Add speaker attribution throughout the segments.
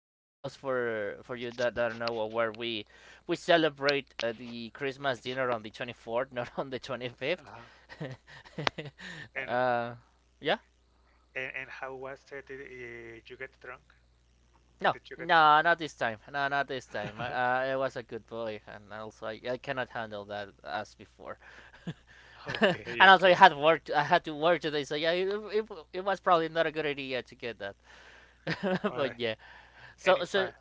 Speaker 1: Those for you that, don't know where we celebrate the Christmas dinner on the 24th, not on the 25th.
Speaker 2: Uh-huh. And,
Speaker 1: uh, yeah.
Speaker 2: and how was it? Did you get drunk?
Speaker 1: No,
Speaker 2: Did you get
Speaker 1: no, not this time. No, not this time. I,
Speaker 2: drunk?
Speaker 1: I I was a good boy, and also I cannot handle that as before. And
Speaker 2: Okay,
Speaker 1: also I
Speaker 2: okay.
Speaker 1: had work. I had to work today, so yeah, it was probably not a good idea to get that.
Speaker 2: Uh,
Speaker 1: But yeah, so
Speaker 2: any
Speaker 1: so
Speaker 2: fun?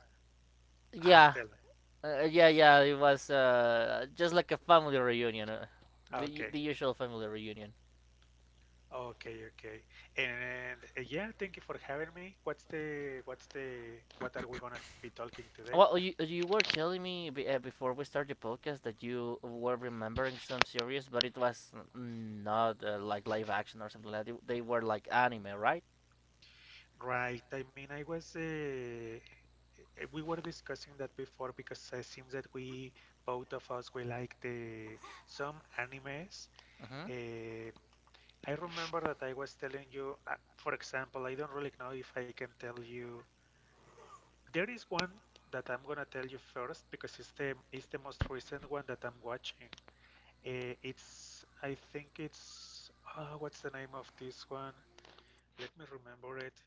Speaker 1: yeah,
Speaker 2: Tell me.
Speaker 1: yeah. It was just like a family reunion, the
Speaker 2: Okay,
Speaker 1: usual family reunion.
Speaker 2: okay, okay. And yeah, thank you for having me. What are we gonna be talking today?
Speaker 1: Well, you were telling me before we started the podcast that you were remembering some series, but it was not like live action or something like that. They were like anime, right?
Speaker 2: Right. I mean, I was we were discussing that before because it seems that we both of us we like the some animes.
Speaker 1: Hmm.
Speaker 2: Uh, I remember that I was telling you, for example, I don't really know if I can tell you. There is one that I'm gonna tell you first because it's the most recent one that I'm watching. It's I think it's what's the name of this one? Let me remember it.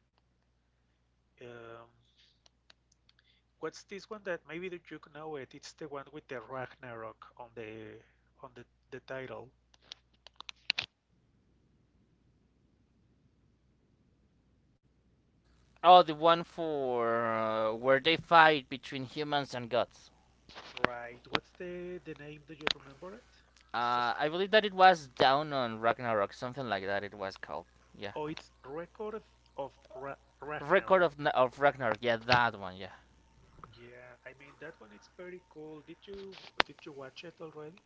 Speaker 2: Um, what's this one that maybe that you know it? It's the one with the Ragnarok on on the the title.
Speaker 1: Oh, the one for where they fight between humans and gods.
Speaker 2: Right. What's the name? Do you remember it? It's just.
Speaker 1: I believe that it was down on Ragnarok, something like that. It was called, yeah,
Speaker 2: Oh, it's Record of
Speaker 1: Record
Speaker 2: Ragnarok.
Speaker 1: of Ragnarok. Yeah, that one. Yeah,
Speaker 2: Yeah, I mean that one it's pretty cool. Did you watch it already?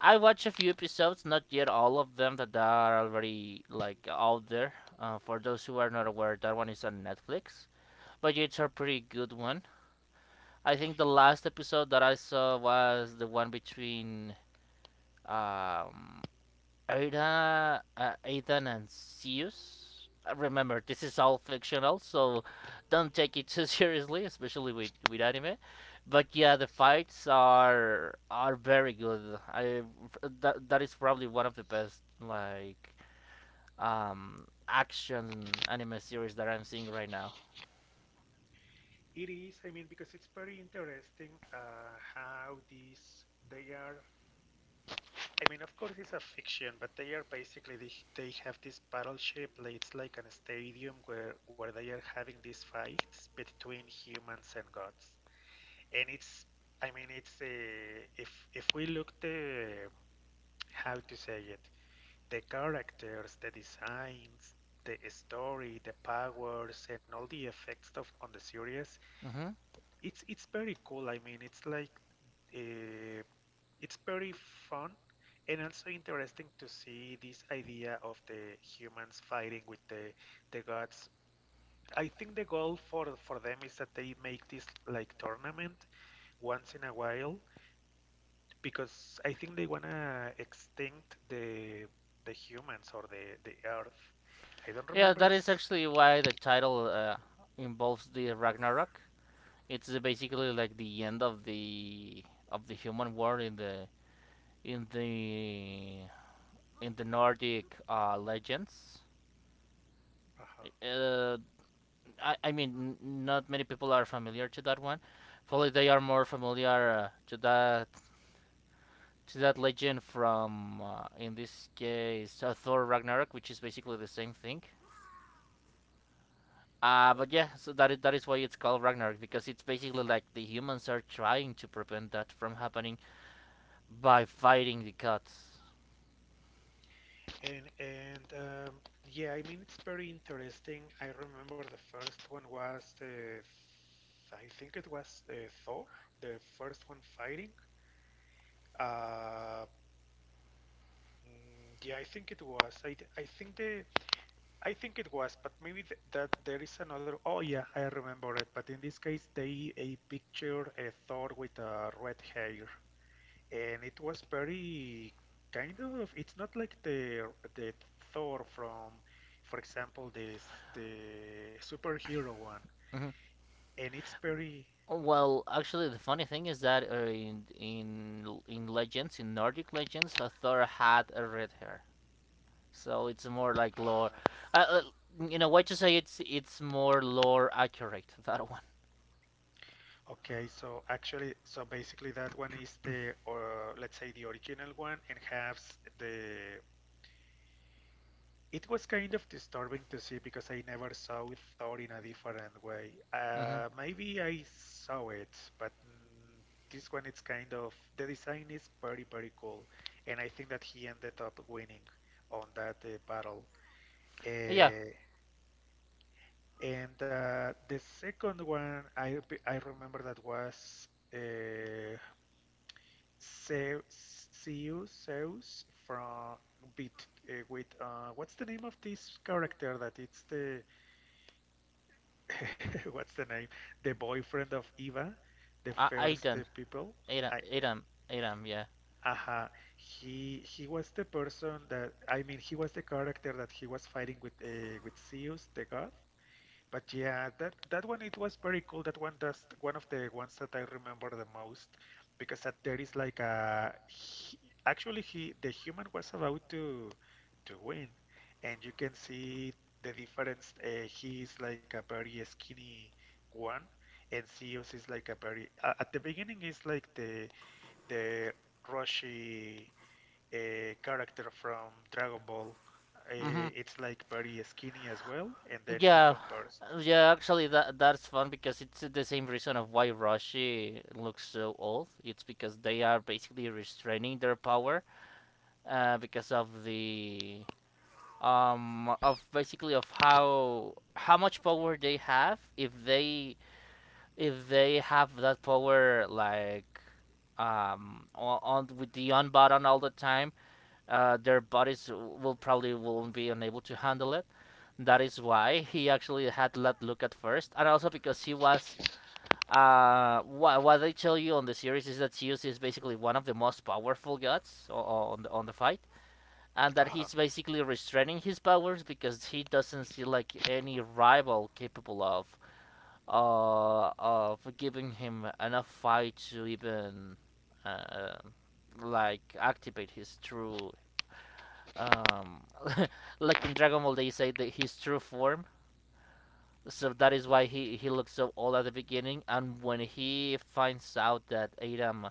Speaker 1: I watched a few episodes, not yet all of them that are already like out there. For those who are not aware, that one is on Netflix, but it's a pretty good one. I think the last episode that I saw was the one between um, Aidan, and Zeus. Remember, this is all fictional, so don't take it too seriously, especially with anime. But yeah, the fights are very good. That is probably one of the best like action anime series that I'm seeing right now.
Speaker 2: It is, I mean, because it's very interesting how these they are. I mean, of course, it's a fiction, but they are basically they have this battleship. Like, it's like an stadium where they are having these fights between humans and gods, and it's. I mean, it's if we look the, how to say it, the characters, the designs, the story, the powers, and all the effects of on the series.
Speaker 1: Hmm.
Speaker 2: It's very cool. I mean, it's like uh, it's very fun and also interesting to see this idea of the humans fighting with the gods. I think the goal for them is that they make this like tournament once in a while because I think they wanna extinct the humans or the earth. I don't
Speaker 1: Yeah,
Speaker 2: remember
Speaker 1: that is
Speaker 2: ex.
Speaker 1: actually why the title involves the Ragnarok. It's basically like the end of the human war in the in the Nordic legends.
Speaker 2: uh
Speaker 1: Uh, I mean, not many people are familiar to that one. Probably they are more familiar to that legend from, in this case, Thor Ragnarok, which is basically the same thing. Uh,
Speaker 2: Oh.
Speaker 1: but yeah, so that is why it's called Ragnarok because it's basically like the humans are trying to prevent that from happening by fighting the gods.
Speaker 2: And yeah, I mean it's very interesting. I remember the first one was I think it was Thor, the first one fighting. Uh, yeah, I think it was. I think the, I think it was, but maybe th that there is another. Oh yeah, I remember it. But in this case, they a picture a Thor with a red hair, and it was very kind of. It's not like the Thor from, for example, this the superhero one,
Speaker 1: Hmm.
Speaker 2: and it's very.
Speaker 1: Well, actually, the funny thing is that in legends, in Nordic legends, Thor had a red hair, so it's more like lore.
Speaker 2: Uh,
Speaker 1: Uh, in a way to say it's more lore accurate that one.
Speaker 2: okay, so actually, so basically, that one is the, or let's say, the original one, and has the. It was kind of disturbing to see because I never saw Thor in a different way.
Speaker 1: Hmm.
Speaker 2: Maybe I saw it, but this one it's kind of the design is very cool, and I think that he ended up winning on that battle.
Speaker 1: Yeah,
Speaker 2: Uh, and the second one I remember that was uh, Zeus, Zeus from bit with what's the name of this character that it's the what's the name? The boyfriend of Eva, the
Speaker 1: I
Speaker 2: first people. I
Speaker 1: Aidan, yeah.
Speaker 2: uh he was the person that, I mean, he was the character that he was fighting with Zeus, the god. But yeah, that that one it was very cool. That one, that's one of the ones that I remember the most because that there is like a he, actually he the human was about to win, and you can see the difference. He is like a very skinny one, and Zeus is like a very at the beginning is like the Roshi character from Dragon Ball.
Speaker 1: Hmm.
Speaker 2: It's like very skinny as well, and then he
Speaker 1: Yeah,
Speaker 2: converts.
Speaker 1: yeah. Actually, that's fun because it's the same reason of why Rashi looks so old. It's because they are basically restraining their power because of the of basically of how much power they have if they have that power like on with the on button all the time, their bodies will probably won't be unable to handle it. That is why he actually had that look at first, and also because he was what they tell you on the series is that Zeus is basically one of the most powerful gods on on the fight, and that
Speaker 2: Uh-huh.
Speaker 1: he's basically restraining his powers because he doesn't see like any rival capable of giving him enough fight to even uh, like activate his true um, like in Dragon Ball they say that his true form. So that
Speaker 2: Uh-huh.
Speaker 1: is why he looks so old at the beginning. And when he finds out that Adam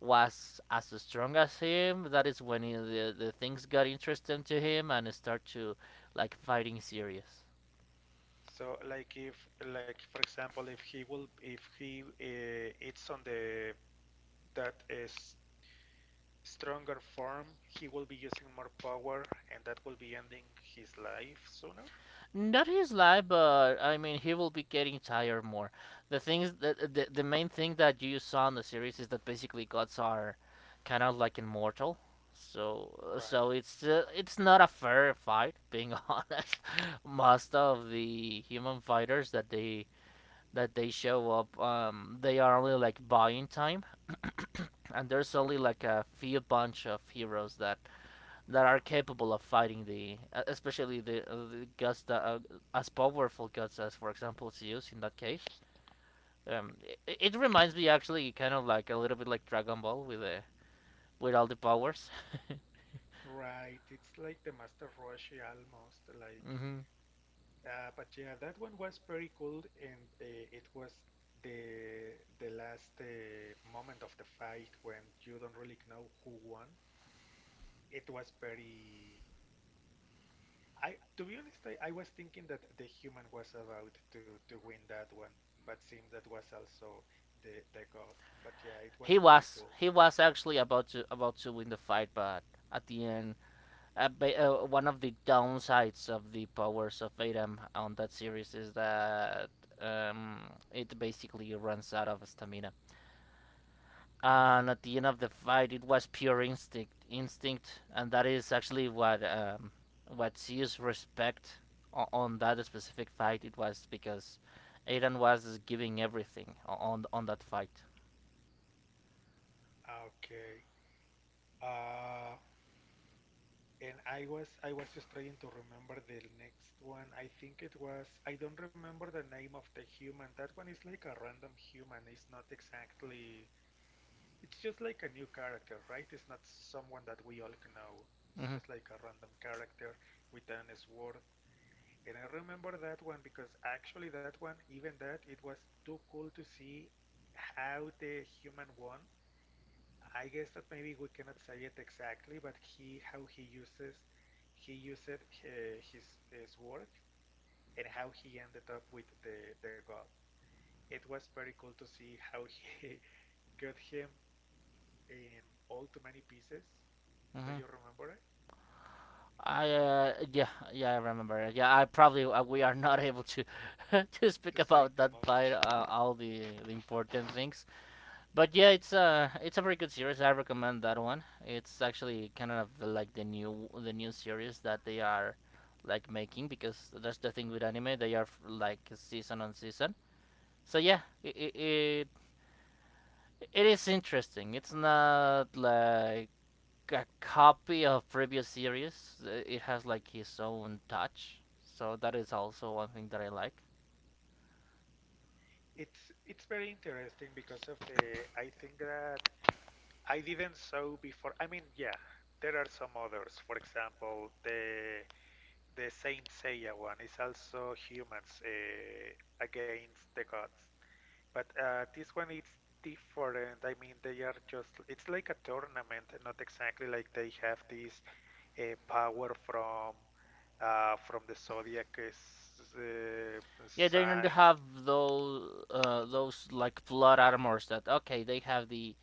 Speaker 1: was as strong as him, that is when the things got interesting to him and start to like fighting serious.
Speaker 2: So like if, like for example, if he will if he it's on the that is stronger form, he will be using more power and that will be ending his life sooner.
Speaker 1: Not his life, but I mean, he will be getting tired more. The things that the main thing that you saw in the series is that basically gods are kind of like immortal. So
Speaker 2: Right.
Speaker 1: so it's not a fair fight, being honest. Most of the human fighters that they show up, they are only like buying time, and there's only like a few bunch of heroes that are capable of fighting especially the gods that are as powerful gods as, for example, Zeus in that case. Um, it reminds me actually kind of like a little bit like Dragon Ball with with all the powers.
Speaker 2: Right. It's like the Master Roshi almost like
Speaker 1: Mm-hmm.
Speaker 2: but yeah that one was pretty cool and it was the last moment of the fight when you don't really know who won. It was very. To be honest, I was thinking that the human was about to win that one, but seems that was also the god. But yeah, it was pretty cool.
Speaker 1: He was actually about to win the fight, but at the end, one of the downsides of the powers of Adam on that series is that, um, it basically runs out of stamina,
Speaker 2: Mm.
Speaker 1: and at the end of the fight it was pure instinct, and that is actually what, what Zeus respect on that specific fight it was because Aiden was giving everything on that fight.
Speaker 2: Okay. Uh, and I was just trying to remember the next one. I think it was, I don't remember the name of the human. That one is like a random human. It's not exactly. It's just like a new character, right? It's not someone that we all know. It's
Speaker 1: Hmm.
Speaker 2: just like a random character with an sword. And I remember that one because actually that one, even that, it was too cool to see how the human won. I guess that maybe we cannot say it exactly, but he how he uses he used his sword and how he ended up with the god. It was very cool to see how he got him in all too many pieces. Do
Speaker 1: Hmm.
Speaker 2: you remember it?
Speaker 1: I yeah, yeah I remember, yeah I probably we are not able to to
Speaker 2: To
Speaker 1: speak
Speaker 2: say too
Speaker 1: about that
Speaker 2: much.
Speaker 1: fight the important things. But yeah, it's a very good series. I recommend that one. It's actually kind of like the new series that they are like making because that's the thing with anime. They are like season on season. So yeah, it is interesting. It's not like a copy of previous series. It has like his own touch. So that is also one thing that I like.
Speaker 2: It's very interesting because of the I think that I didn't saw before. I mean, yeah, there are some others. For example, the Saint Seiya one is also humans against the gods, but this one is different. I mean, they are just it's like a tournament, not exactly like they have this power from the zodiac is, uh,
Speaker 1: Yeah, they don't
Speaker 2: signs,
Speaker 1: have those like plot armors that okay they have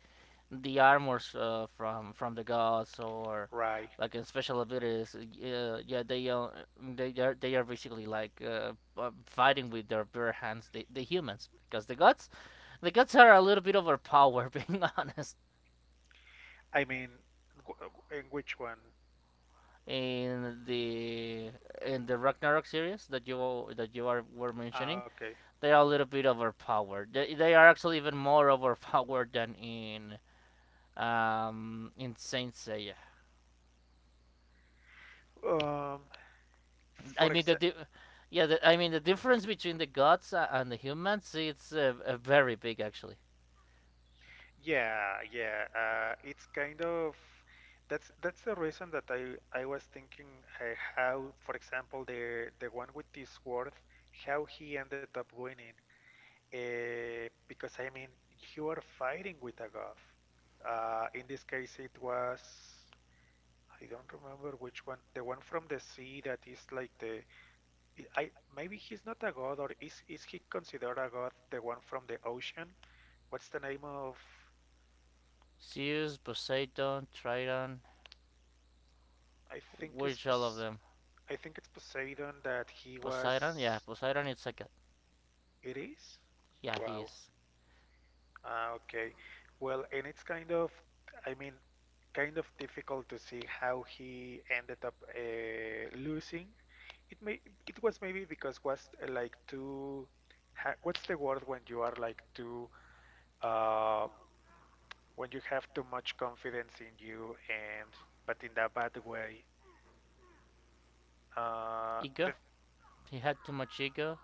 Speaker 1: the armors from the gods or
Speaker 2: right?
Speaker 1: like in special abilities yeah they are they are basically like fighting with their bare hands the humans because the gods are a little bit overpowered being honest.
Speaker 2: I mean, w- w- in which one?
Speaker 1: In the in the Ragnarok series that you are were
Speaker 2: Ah,
Speaker 1: mentioning,
Speaker 2: okay.
Speaker 1: they are a little bit overpowered, they are actually even more overpowered than in Saint Seiya.
Speaker 2: Um,
Speaker 1: I
Speaker 2: for
Speaker 1: mean the,
Speaker 2: exa.
Speaker 1: di- yeah, I mean the difference between the gods and the humans it's very big actually.
Speaker 2: Yeah, yeah. It's kind of that's the reason that I was thinking how, for example, the one with this sword, how he ended up winning. Because I mean, you are fighting with a god. In this case, it was I don't remember which one. The one from the sea that is like the I maybe he's not a god or is he considered a god? The one from the ocean? What's the name of?
Speaker 1: Zeus, Poseidon, Triton,
Speaker 2: I think it's
Speaker 1: which all of them?
Speaker 2: I think it's Poseidon that he
Speaker 1: Poseidon, yeah,
Speaker 2: was.
Speaker 1: Poseidon. It's like a
Speaker 2: It is?
Speaker 1: yeah,
Speaker 2: Wow.
Speaker 1: he is.
Speaker 2: Ah, okay. Well, and it's kind of, I mean, kind of difficult to see how he ended up losing. It may, it was maybe because was like too. Ha, what's the word when you are like too, uh, when you have too much confidence in you and, but in a bad way.
Speaker 1: Ego.
Speaker 2: The
Speaker 1: He had too much ego.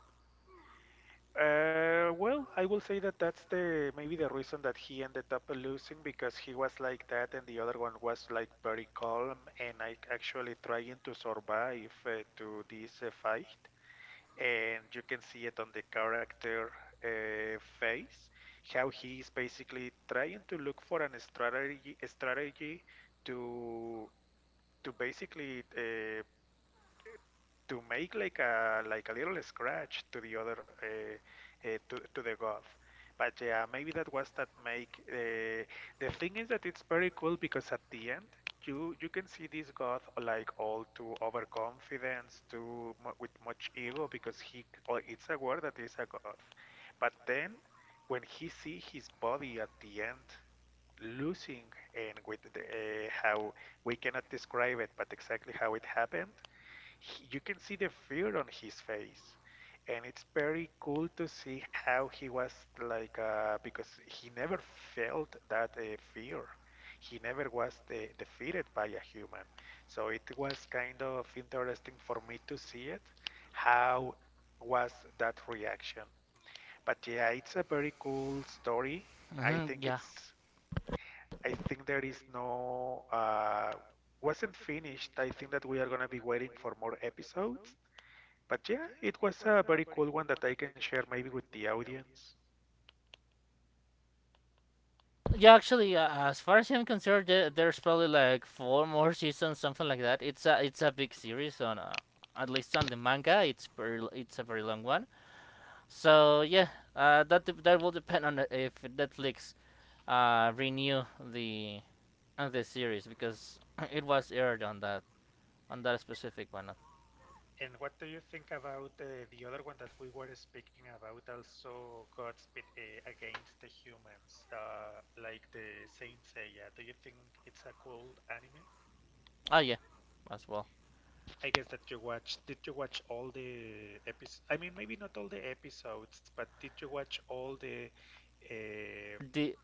Speaker 2: Well, I will say that that's the maybe the reason that he ended up losing because he was like that and the other one was like very calm and like actually trying to survive to this fight. And you can see it on the character face how he is basically trying to look for an strategy to to basically to make like a little scratch to the other to the god. But yeah, maybe that was that make. The thing is that it's very cool because at the end you you can see this god like all too overconfidence, too with much ego because he oh, it's a word that is a god. But then when he see his body at the end losing and with the, how we cannot describe it, but exactly how it happened, you can see the fear on his face, and it's very cool to see how he was like because he never felt that fear, he never was defeated by a human, so it was kind of interesting for me to see it how was that reaction. But yeah, it's a very cool story. I
Speaker 1: Hmm.
Speaker 2: think
Speaker 1: Yeah,
Speaker 2: it's, I think there is no wasn't finished. I think that we are going to be waiting for more episodes. But yeah, it was a very cool one that I can share maybe with the audience.
Speaker 1: yeah. Actually, as far as I'm concerned, there's probably like four more seasons, something like that. It's a big series on, at least on the manga. It's very, it's a very long one. So yeah, that will depend on the- if Netflix renew the on the series because it was aired on that specific one.
Speaker 2: And what do you think about the other one that we were speaking about, also Godspeed Against the Humans, like the Saint Seiya? Do you think it's a cool anime?
Speaker 1: Oh yeah, as well.
Speaker 2: I guess that you watched. Did you watch all the episodes? I mean, maybe not all the episodes, but did you watch all the? Uh,
Speaker 1: The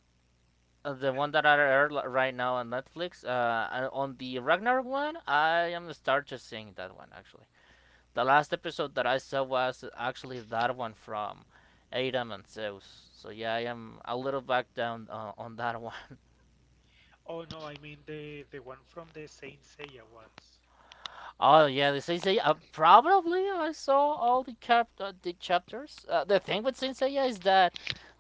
Speaker 1: the one that I aired right now on Netflix, and on the Ragnarok one, I am start just seeing that one actually. The last episode that I saw was actually that one from Adam and Zeus. So yeah, I am a little back down on that one.
Speaker 2: oh no, I mean the one from the Saint Seiya ones.
Speaker 1: Oh yeah, the Sensei. Probably I saw all the cap the chapters. The thing with Sensei is that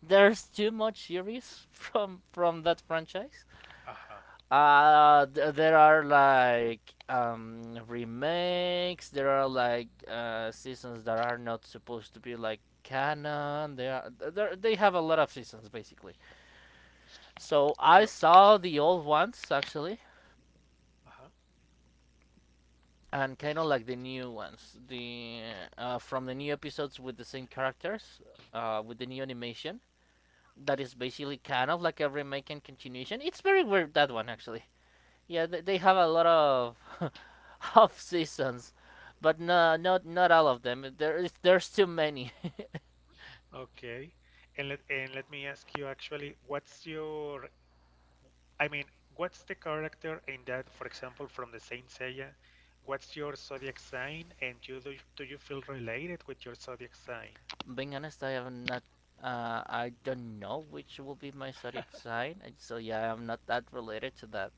Speaker 1: there's too much series from that franchise.
Speaker 2: Uh huh.
Speaker 1: There are like remakes. There are like seasons that are not supposed to be like canon. They have a lot of seasons basically. So I
Speaker 2: Well,
Speaker 1: saw the old ones actually.
Speaker 2: Uh huh.
Speaker 1: And kind of like the new ones, the from the new episodes with the same characters, with the new animation. That is basically kind of like a remake and continuation. It's very weird that one actually. Yeah, they have a lot of half seasons, but no, not all of them. There's too many.
Speaker 2: Okay. And let me ask you actually, what's your, I mean, what's the character in that, for example, from the Saint Seiya? What's your zodiac sign, and you do do you feel related with your zodiac sign?
Speaker 1: Being honest, I have not. I don't know which will be my zodiac sign, so yeah, I'm not that related to that.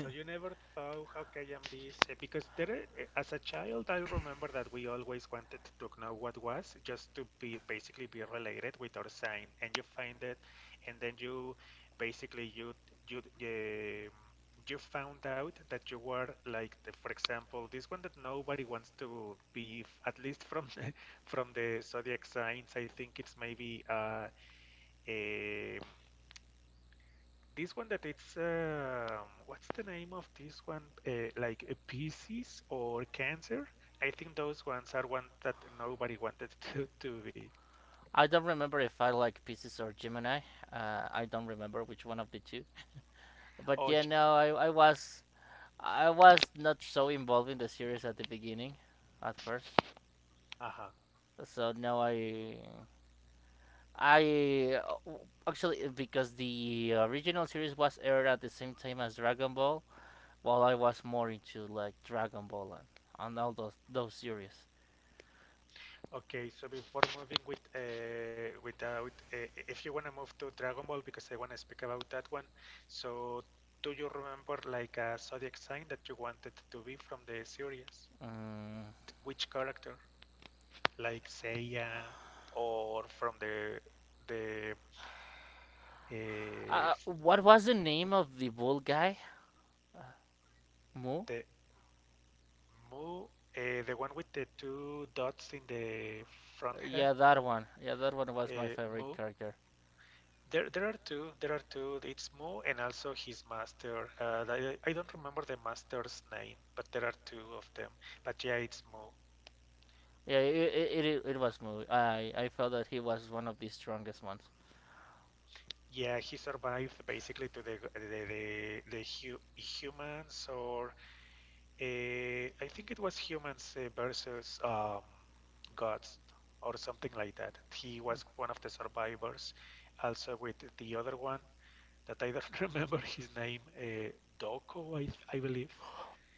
Speaker 2: So you never thought, how can I be safe? Because there, as a child, I remember that we always wanted to know what was, just to be basically be related with our sign, and you find it, and then basically you you um you found out that you were like, the, for example, this one that nobody wants to be, at least from the, from the zodiac signs. I think it's maybe a. This one that it's what's the name of this one? Like Pisces or Cancer? I think those ones are one that nobody wanted to be.
Speaker 1: I don't remember if I like Pisces or Gemini. I don't remember which one of the two. But
Speaker 2: Oh,
Speaker 1: yeah,
Speaker 2: j-
Speaker 1: no, I was not so involved in the series at the beginning, at first.
Speaker 2: uh-huh.
Speaker 1: So now I actually because the original series was aired at the same time as Dragon Ball, while I was more into like Dragon Ball and all those series.
Speaker 2: Okay, so before moving with if you wanna move to Dragon Ball because I wanna speak about that one. So do you remember like a zodiac sign that you wanted to be from the series?
Speaker 1: Um,
Speaker 2: Which character? Like Seiya or from the uh,
Speaker 1: what was the name of the bull guy? Mu?
Speaker 2: the Mu, the one with the two dots in the front head,
Speaker 1: Yeah, that one. Yeah, that one was my
Speaker 2: Mu.
Speaker 1: favorite character.
Speaker 2: There are two. There are two. It's Mu and also his master. I don't remember the master's name, but there are two of them. But yeah, it's Mu.
Speaker 1: Yeah, it was movie. I felt that he was one of the strongest ones.
Speaker 2: Yeah, he survived basically to the hu- humans or I think it was humans versus gods or something like that. He was one of the survivors. Also with the other one that I don't remember his name, Doko, I believe.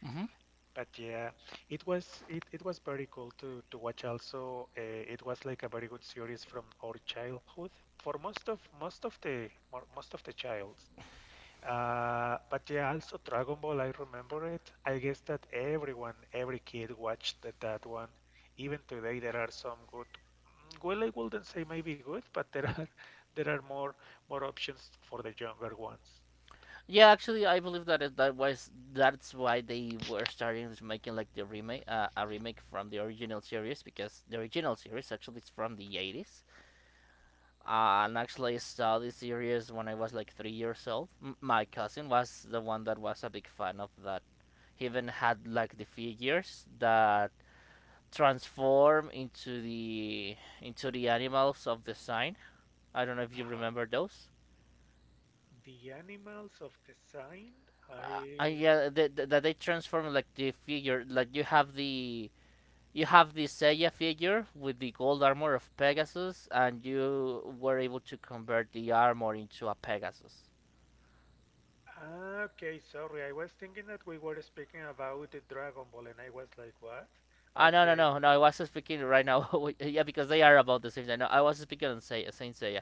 Speaker 1: hmm
Speaker 2: But yeah, it was very cool to watch. Also, it was like a very good series from our childhood. For most of the child but yeah, also Dragon Ball, I remember it. I guess that everyone, every kid watched that one. Even today, there are some good. Well, I wouldn't say maybe good, but there are there are more options for the younger ones.
Speaker 1: Yeah, actually, I believe that it, that was that's why they were starting to making like the remake, a remake from the original series because the original series actually is from the 80s. And actually, I saw this series when I was like 3 years old. My cousin was the one that was a big fan of that. He even had like the figures that transform into the animals of the sign. I don't know if you
Speaker 2: Uh-huh.
Speaker 1: remember those.
Speaker 2: The animals of the sign. I
Speaker 1: Yeah, that they transform like the figure, like you have the Seiya figure with the gold armor of Pegasus, and you were able to convert the armor into a Pegasus.
Speaker 2: ah, okay, sorry. I was thinking that we were speaking about the Dragon Ball, and I was like, what?
Speaker 1: Ah, no, no,
Speaker 2: Okay.
Speaker 1: no, no! I was speaking right now. Yeah, because they are about the same. I know. I was speaking on Say Saint Seiya,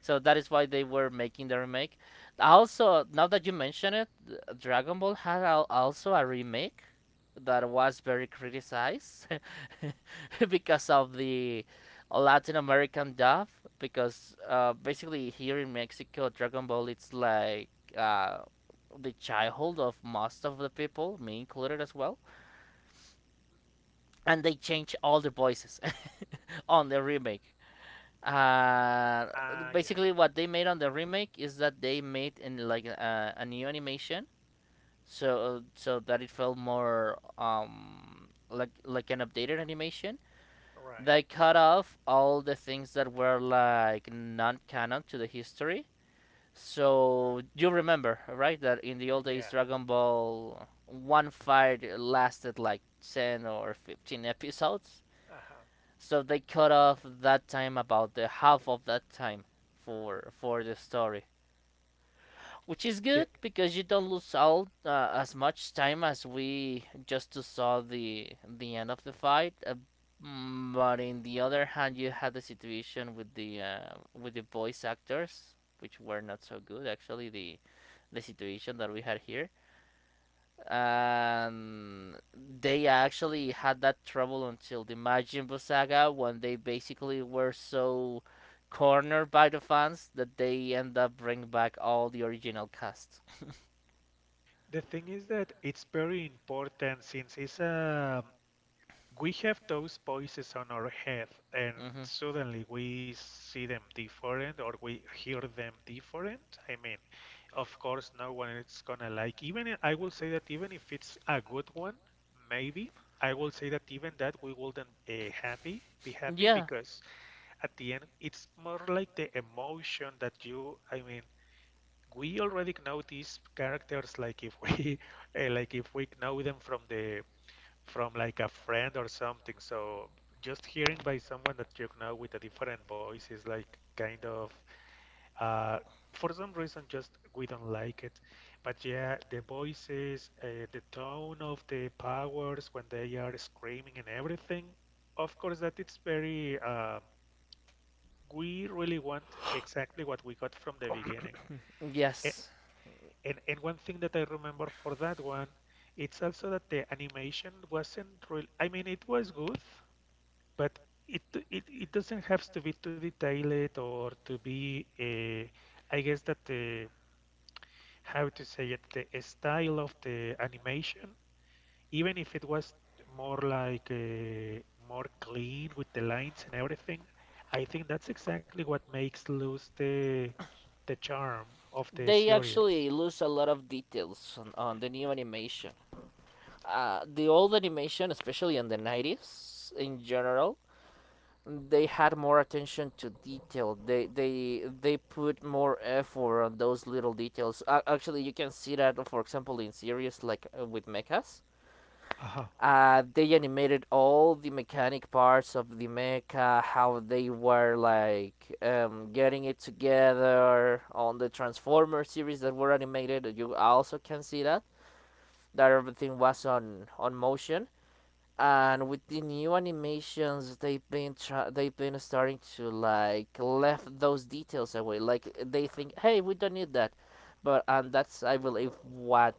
Speaker 1: so that is why they were making the remake. Also, now that you mention it, Dragon Ball had also a remake that was very criticized because of the Latin American dub. Because basically here in Mexico, Dragon Ball it's like uh, the childhood of most of the people, me included as well, and they changed all the voices on the remake. Uh,
Speaker 2: Ah, yeah.
Speaker 1: Basically, what they made on the remake is that they made in like a new animation, so that it felt more like an updated animation. They
Speaker 2: Right.
Speaker 1: cut off all the things that were like non-canon to the history. So you remember, right, that in the old days,
Speaker 2: Yeah.
Speaker 1: Dragon Ball one fight lasted like 10 or 15 episodes,
Speaker 2: Uh-huh.
Speaker 1: so they cut off that time about the half of that time for the story, which is
Speaker 2: Yeah.
Speaker 1: good because you don't lose all as much time as we just saw the end of the fight. But in the other hand, you had the situation with the voice actors, which were not so good actually. The situation that we had here, and they actually had that trouble until the Majin Buu saga, when they basically were so cornered by the fans that they end up bringing back all the original cast.
Speaker 2: The thing is that it's very important since it's a we have those voices on our head and
Speaker 1: hmm
Speaker 2: suddenly we see them different or we hear them different. I mean, of course, no one is gonna like. Even I- will say that even if it's a good one, maybe I will say that even that we wouldn't happy be happy
Speaker 1: Yeah,
Speaker 2: because at the end it's more like the emotion that you. I mean we already know these characters like if we like if we know them from the from like a friend or something so just hearing by someone that you know with a different voice is like kind of uh for some reason just we don't like it but yeah the voices the tone of the powers when they are screaming and everything of course that it's very we really want exactly what we got from the beginning a-
Speaker 1: yes.
Speaker 2: and one thing that I remember for that one, it's also that the animation wasn't real. I mean, it was good, but it it doesn't have to be too detailed or to be. I guess that the how to say it, the style of the animation, even if it was more like more clean with the lines and everything, I think that's exactly what makes lose the charm of the
Speaker 1: They
Speaker 2: series.
Speaker 1: actually lose a lot of details on the new animation. The old animation, especially in the 90s in general, they had more attention to detail. They put more effort on those little details. Actually, you can see that, for example, in series like with mechas.
Speaker 2: Aha.
Speaker 1: They animated all the mechanic parts of the mecha, how they were like getting it together on the Transformers series that were animated. You also can see that everything was on motion, and with the new animations they've been starting to like left those details away, like they think, hey, we don't need that. But and that's I believe what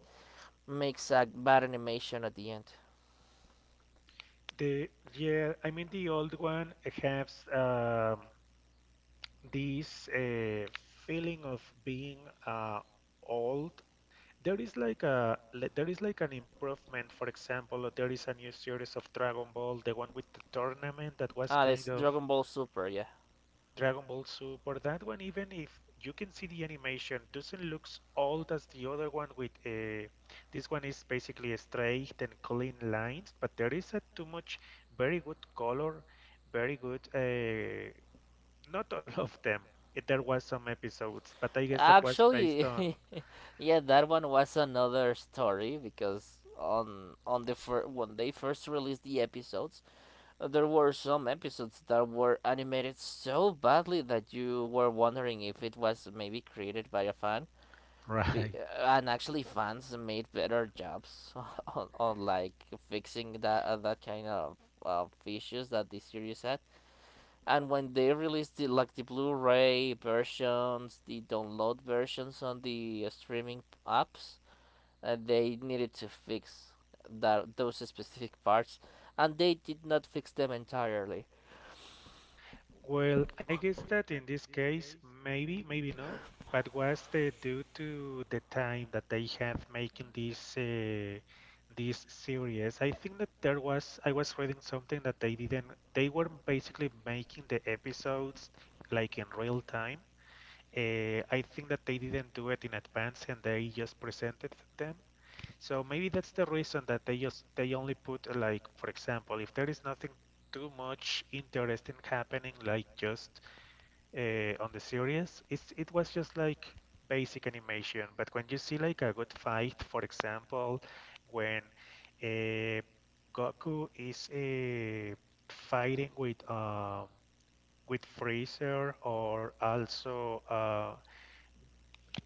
Speaker 1: makes a bad animation at the end.
Speaker 2: The yeah, I mean the old one has this feeling of being uh, old. There is like a le- there is like an improvement. For example, there is a new series of Dragon Ball, the one with the tournament that was
Speaker 1: Ah,
Speaker 2: kind
Speaker 1: this
Speaker 2: of
Speaker 1: Dragon Ball Super, yeah.
Speaker 2: Dragon Ball Super, that one, even if you can see the animation, doesn't look old as the other one with this one is basically straight and clean lines, but there is a too much very good color, very good, not all of them. There was some episodes, but I guess that was based on
Speaker 1: Actually, yeah, that one was another story because when they first released the episodes, there were some episodes that were animated so badly that you were wondering if it was maybe created by a fan. Be-
Speaker 2: Right.
Speaker 1: and actually, fans made better jobs on like fixing that that kind of issues that the series had. And when they released the like the Blu-ray versions, the download versions on the streaming apps, they needed to fix that those specific parts, and they did not fix them entirely.
Speaker 2: Well, I guess that in this case, maybe no, but was the due to the time that they have making this this series. I think that there was I was reading something that they didn't. They were basically making the episodes like in real time. I think that they didn't do it in advance and they just presented them. So maybe that's the reason that they only put like for example, if there is nothing too much interesting happening like just on the series, it's it was just like basic animation. But when you see like a good fight, for example, when uh, Goku is fighting with Freezer or also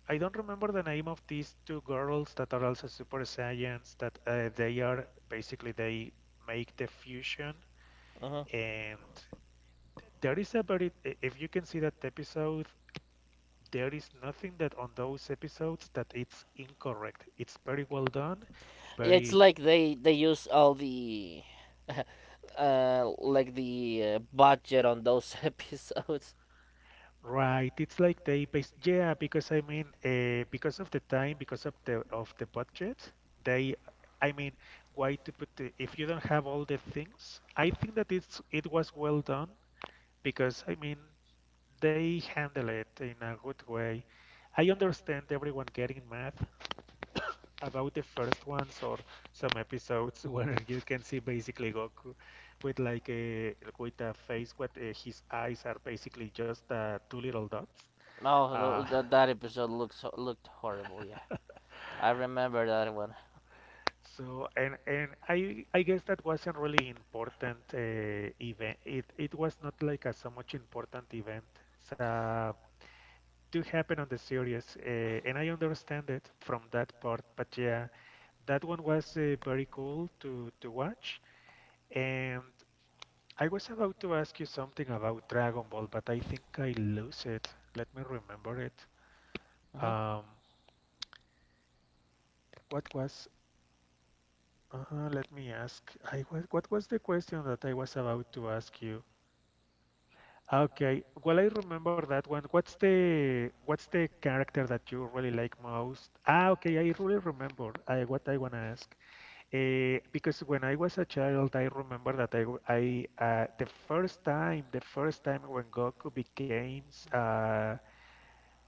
Speaker 2: I don't remember the name of these two girls that are also Super Saiyans, that they are basically they make the fusion
Speaker 1: Uh-huh.
Speaker 2: and there is a very if you can see that episode, there is nothing that on those episodes that it's incorrect. It's very well done,
Speaker 1: It's
Speaker 2: very
Speaker 1: like they use all the. Like the budget on those episodes.
Speaker 2: Right, it's like they based, yeah, because I mean, because of the time, because of the budget, they, I mean, why to put the, if you don't have all the things, I think that it's it was well done because I mean, they handle it in a good way. I understand everyone getting mad about the first ones or some episodes where you can see basically Goku with like a with a face what his eyes are basically just two little dots
Speaker 1: Oh,
Speaker 2: uh,
Speaker 1: that episode looks looked horrible. Yeah, I remember that one.
Speaker 2: so and I guess that wasn't really important event. It was not like a so much important event. So do happen on the series, and I understand it from that part. But yeah, that one was very cool to watch. And I was about to ask you something about Dragon Ball, but I think I lose it. Let me remember it.
Speaker 1: Uh
Speaker 2: Um, what was? Let me ask. I was, what was the question that I was about to ask you? Ah, okay, well, I remember that one. What's the character that you really like most? Ah, okay, I really remember I, what I want to ask. Because when I was a child, I remember that I, w- I, the first time when Goku became
Speaker 1: huh.
Speaker 2: uh,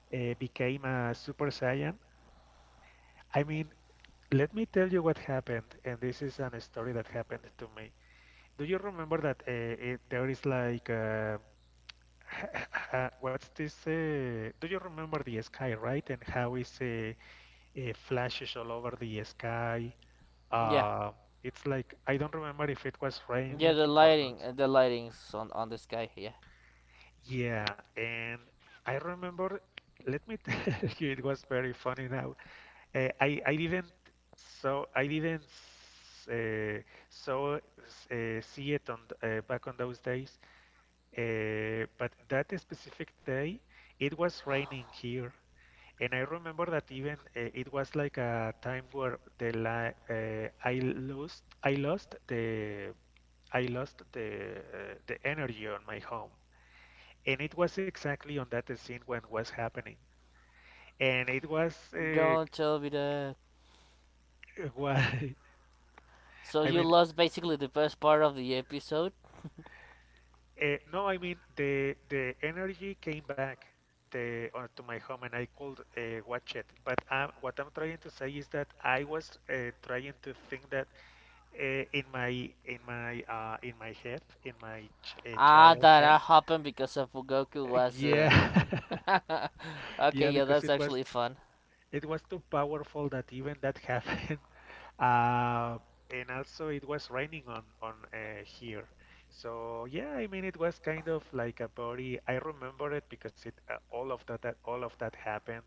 Speaker 2: became a Super Saiyan. I mean, let me tell you what happened, and this is an story that happened to me. Do you remember that it, there is like what's this? Do you remember the sky, right? And how is flashes all over the sky?
Speaker 1: Yeah.
Speaker 2: Uh, it's like I don't remember if it was
Speaker 1: Yeah,
Speaker 2: raining
Speaker 1: the
Speaker 2: or not.
Speaker 1: lighting, the lighting's on the sky. Yeah.
Speaker 2: Yeah, and I remember. Let me tell you, it was very funny now. I didn't so I didn't uh, so see it on th- back on those days but that specific day, it was raining here, and I remember that even it was like a time where the li- I lost the energy on my home, and it was exactly on that scene when was happening, and it was
Speaker 1: Don't tell me that.
Speaker 2: why
Speaker 1: So
Speaker 2: I
Speaker 1: you
Speaker 2: mean
Speaker 1: lost basically the best part of the episode.
Speaker 2: No, I mean the energy came back the to my home and I could watch it. But what I'm trying to say is that I was trying to think that uh, in my in my in my head in my ch
Speaker 1: Ah,
Speaker 2: child
Speaker 1: that
Speaker 2: head.
Speaker 1: happened because of Goku was.
Speaker 2: Yeah,
Speaker 1: Okay,
Speaker 2: yeah,
Speaker 1: yeah,
Speaker 2: because
Speaker 1: that's actually fun.
Speaker 2: it was too powerful that even that happened. Uh, and also it was raining on here. So yeah, I mean it was kind of like a body. I remember it because it all of that all of that happened.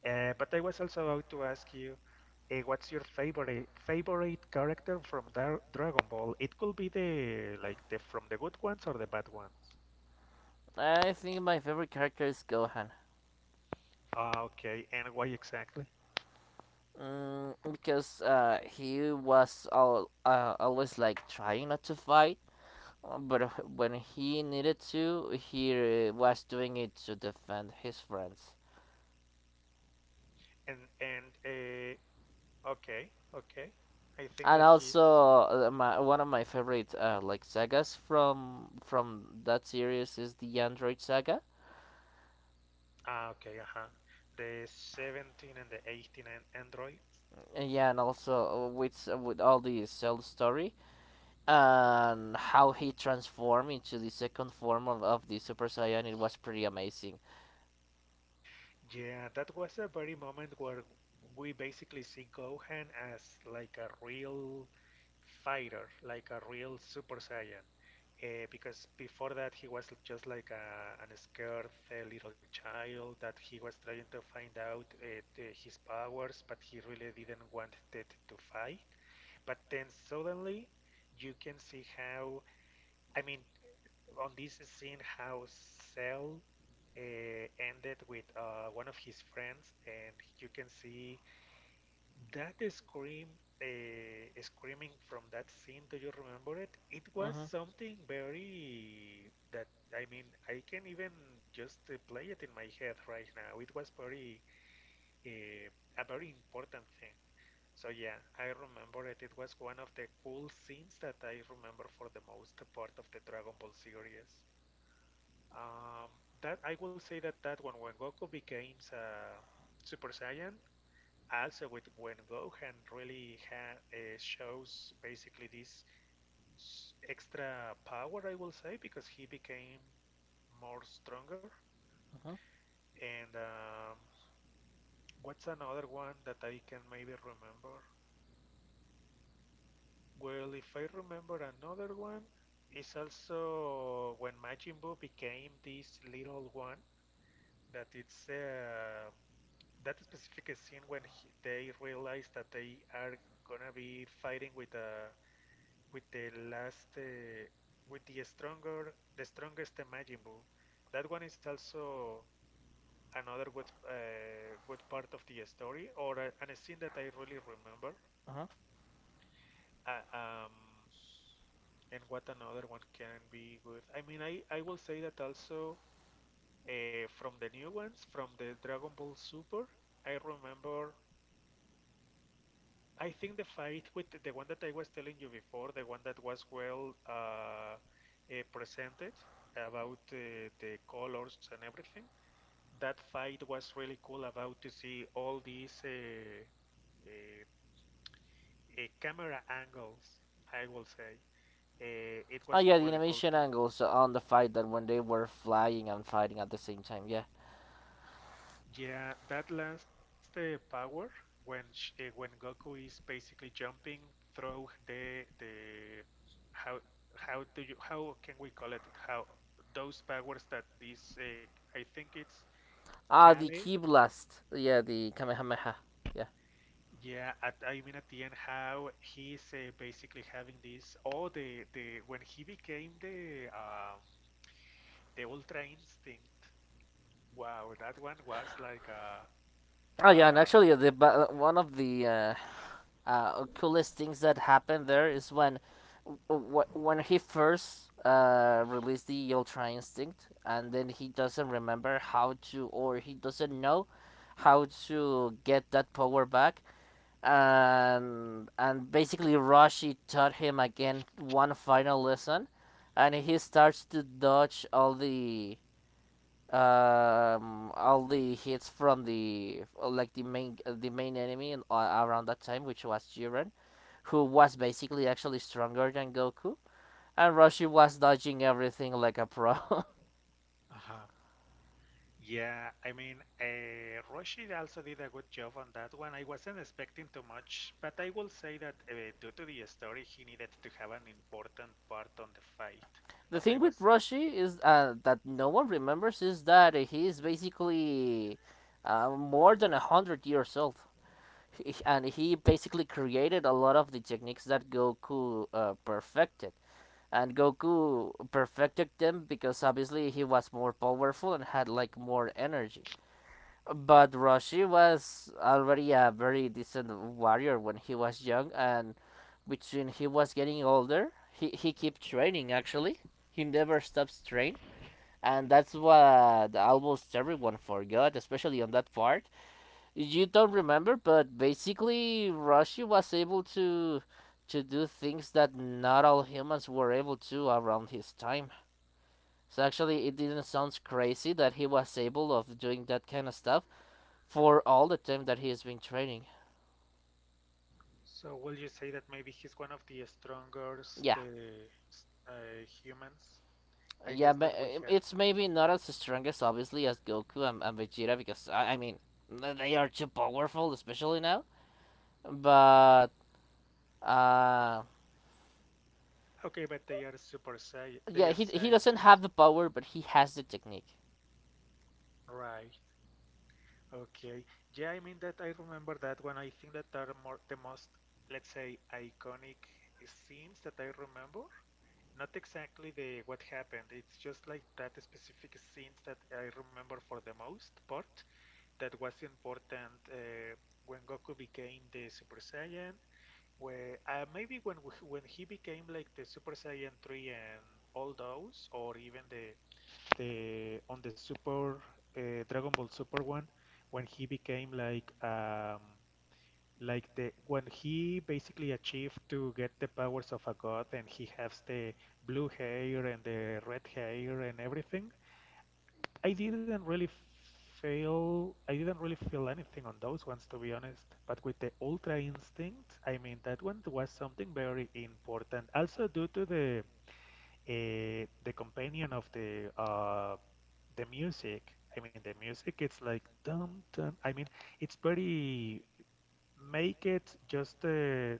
Speaker 2: But I was also about to ask you, what's your favorite character from Dar Dragon Ball? It could be the like the from the good ones or the bad ones.
Speaker 1: I think my favorite character is Gohan.
Speaker 2: Ah, okay, and why exactly?
Speaker 1: Mm, because he was always like trying not to fight. But when he needed to, he was doing it to defend his friends.
Speaker 2: And okay, okay. I think
Speaker 1: And
Speaker 2: that he's.
Speaker 1: also, one of my favorite like sagas from that series is the Android Saga.
Speaker 2: Ah, okay, uh-huh. The 17 and the 18 and androids.
Speaker 1: Yeah, and also with all the Cell story, and how he transformed into the second form of the Super Saiyan, it was pretty amazing.
Speaker 2: Yeah, that was the very moment where we basically see Gohan as like a real fighter, like a real Super Saiyan. Because before that, he was just like a, an scared little child that he was trying to find out the- his powers, but he really didn't want it to fight. But then suddenly, you can see how I mean, on this scene how Cell ended with one of his friends, and you can see that scream, screaming from that scene. Do you remember it? It was
Speaker 1: Mhm,
Speaker 2: something very that I mean I can even just play it in my head right now. It was very uh, a very important thing. So yeah, I remember it. It was one of the cool scenes that I remember for the most part of the Dragon Ball series. Um, that I will say that that one when Goku becomes Super Saiyan, also with when Gohan really shows basically this extra power, I will say, because he became more stronger.
Speaker 1: mhm,
Speaker 2: And what's another one that I can maybe remember? Well, if I remember another one, is also when Majin Buu became this little one that it's that specific scene when they realize that they are gonna be fighting with the last with the stronger the strongest Majin Buu. That one is also another good part of the story and scene that I really remember.
Speaker 1: mhm.
Speaker 2: Uh, um, and what another one can be good. I mean, I will say that also from the new ones from the Dragon Ball Super. I remember I think the fight with the one that I was telling you before, the one that was well presented about the colors and everything. That fight was really cool about to see all these uh, camera angles, I will say. It
Speaker 1: Oh
Speaker 2: was
Speaker 1: yeah, the
Speaker 2: really cool
Speaker 1: animation
Speaker 2: too.
Speaker 1: angles on the fight that when they were flying and fighting at the same time. Yeah.
Speaker 2: Yeah, that last power when Goku is basically jumping through the how how do you how can we call it? How those powers that this I think it's
Speaker 1: Ah, the
Speaker 2: Kale.
Speaker 1: key blast. Yeah, the Kamehameha. Yeah.
Speaker 2: Yeah, at, I mean at the end how he's basically having this oh the when he became the the Ultra Instinct. Wow, that one was like uh
Speaker 1: Oh yeah, and
Speaker 2: uh
Speaker 1: actually, the one of the coolest things that happened there is when he first released the Ultra Instinct, and then he doesn't remember how to, or he doesn't know how to get that power back, and basically Roshi taught him again one final lesson, and he starts to dodge all the hits from the like the main enemy in, around that time, which was Jiren, who was basically actually stronger than Goku, and Roshi was dodging everything like a pro.
Speaker 2: Uh-huh. Yeah, I mean, Roshi also did a good job on that one. I wasn't expecting too much, but I will say that due to the story, he needed to have an important part on the fight,
Speaker 1: The
Speaker 2: but I
Speaker 1: thing with
Speaker 2: wasn't.
Speaker 1: Roshi is that no one remembers is that he is basically more than a hundred years old. And he basically created a lot of the techniques that Goku perfected. And Goku perfected them because obviously he was more powerful and had like more energy. But Roshi was already a very decent warrior when he was young, and between he was getting older, he kept training actually. He never stops training, and that's what almost everyone forgot, especially on that part. You don't remember, but basically Roshi was able to do things that not all humans were able to around his time. So actually, it didn't sound crazy that he was able of doing that kind of stuff for all the time that he has been training.
Speaker 2: So will you say that maybe he's one of the strongest
Speaker 1: Yeah,
Speaker 2: humans? I
Speaker 1: yeah,
Speaker 2: guess that we have.
Speaker 1: it's maybe not as strong as obviously as Goku and Vegeta, because I mean they are too powerful, especially now. But uh,
Speaker 2: Okay, but they
Speaker 1: yeah,
Speaker 2: are
Speaker 1: he doesn't have
Speaker 2: Saiyans,
Speaker 1: the power, but he has the technique.
Speaker 2: right? Okay. Yeah, I mean that I remember that one. I think that are more the most, let's say, iconic scenes that I remember. Not exactly the what happened. It's just like that specific scenes that I remember for the most part that was important when Goku became the Super Saiyan. Where maybe when he became like the Super Saiyan 3 and all those, or even the on the Super Dragon Ball Super one when he became like the when he basically achieved to get the powers of a god and he has the blue hair and the red hair and everything. I didn't really I didn't really feel anything on those ones to be honest. But with the Ultra Instinct, I mean that one was something very important. Also due to the companion of the music. I mean, the music. It's like dum dum. I mean, it's very make it just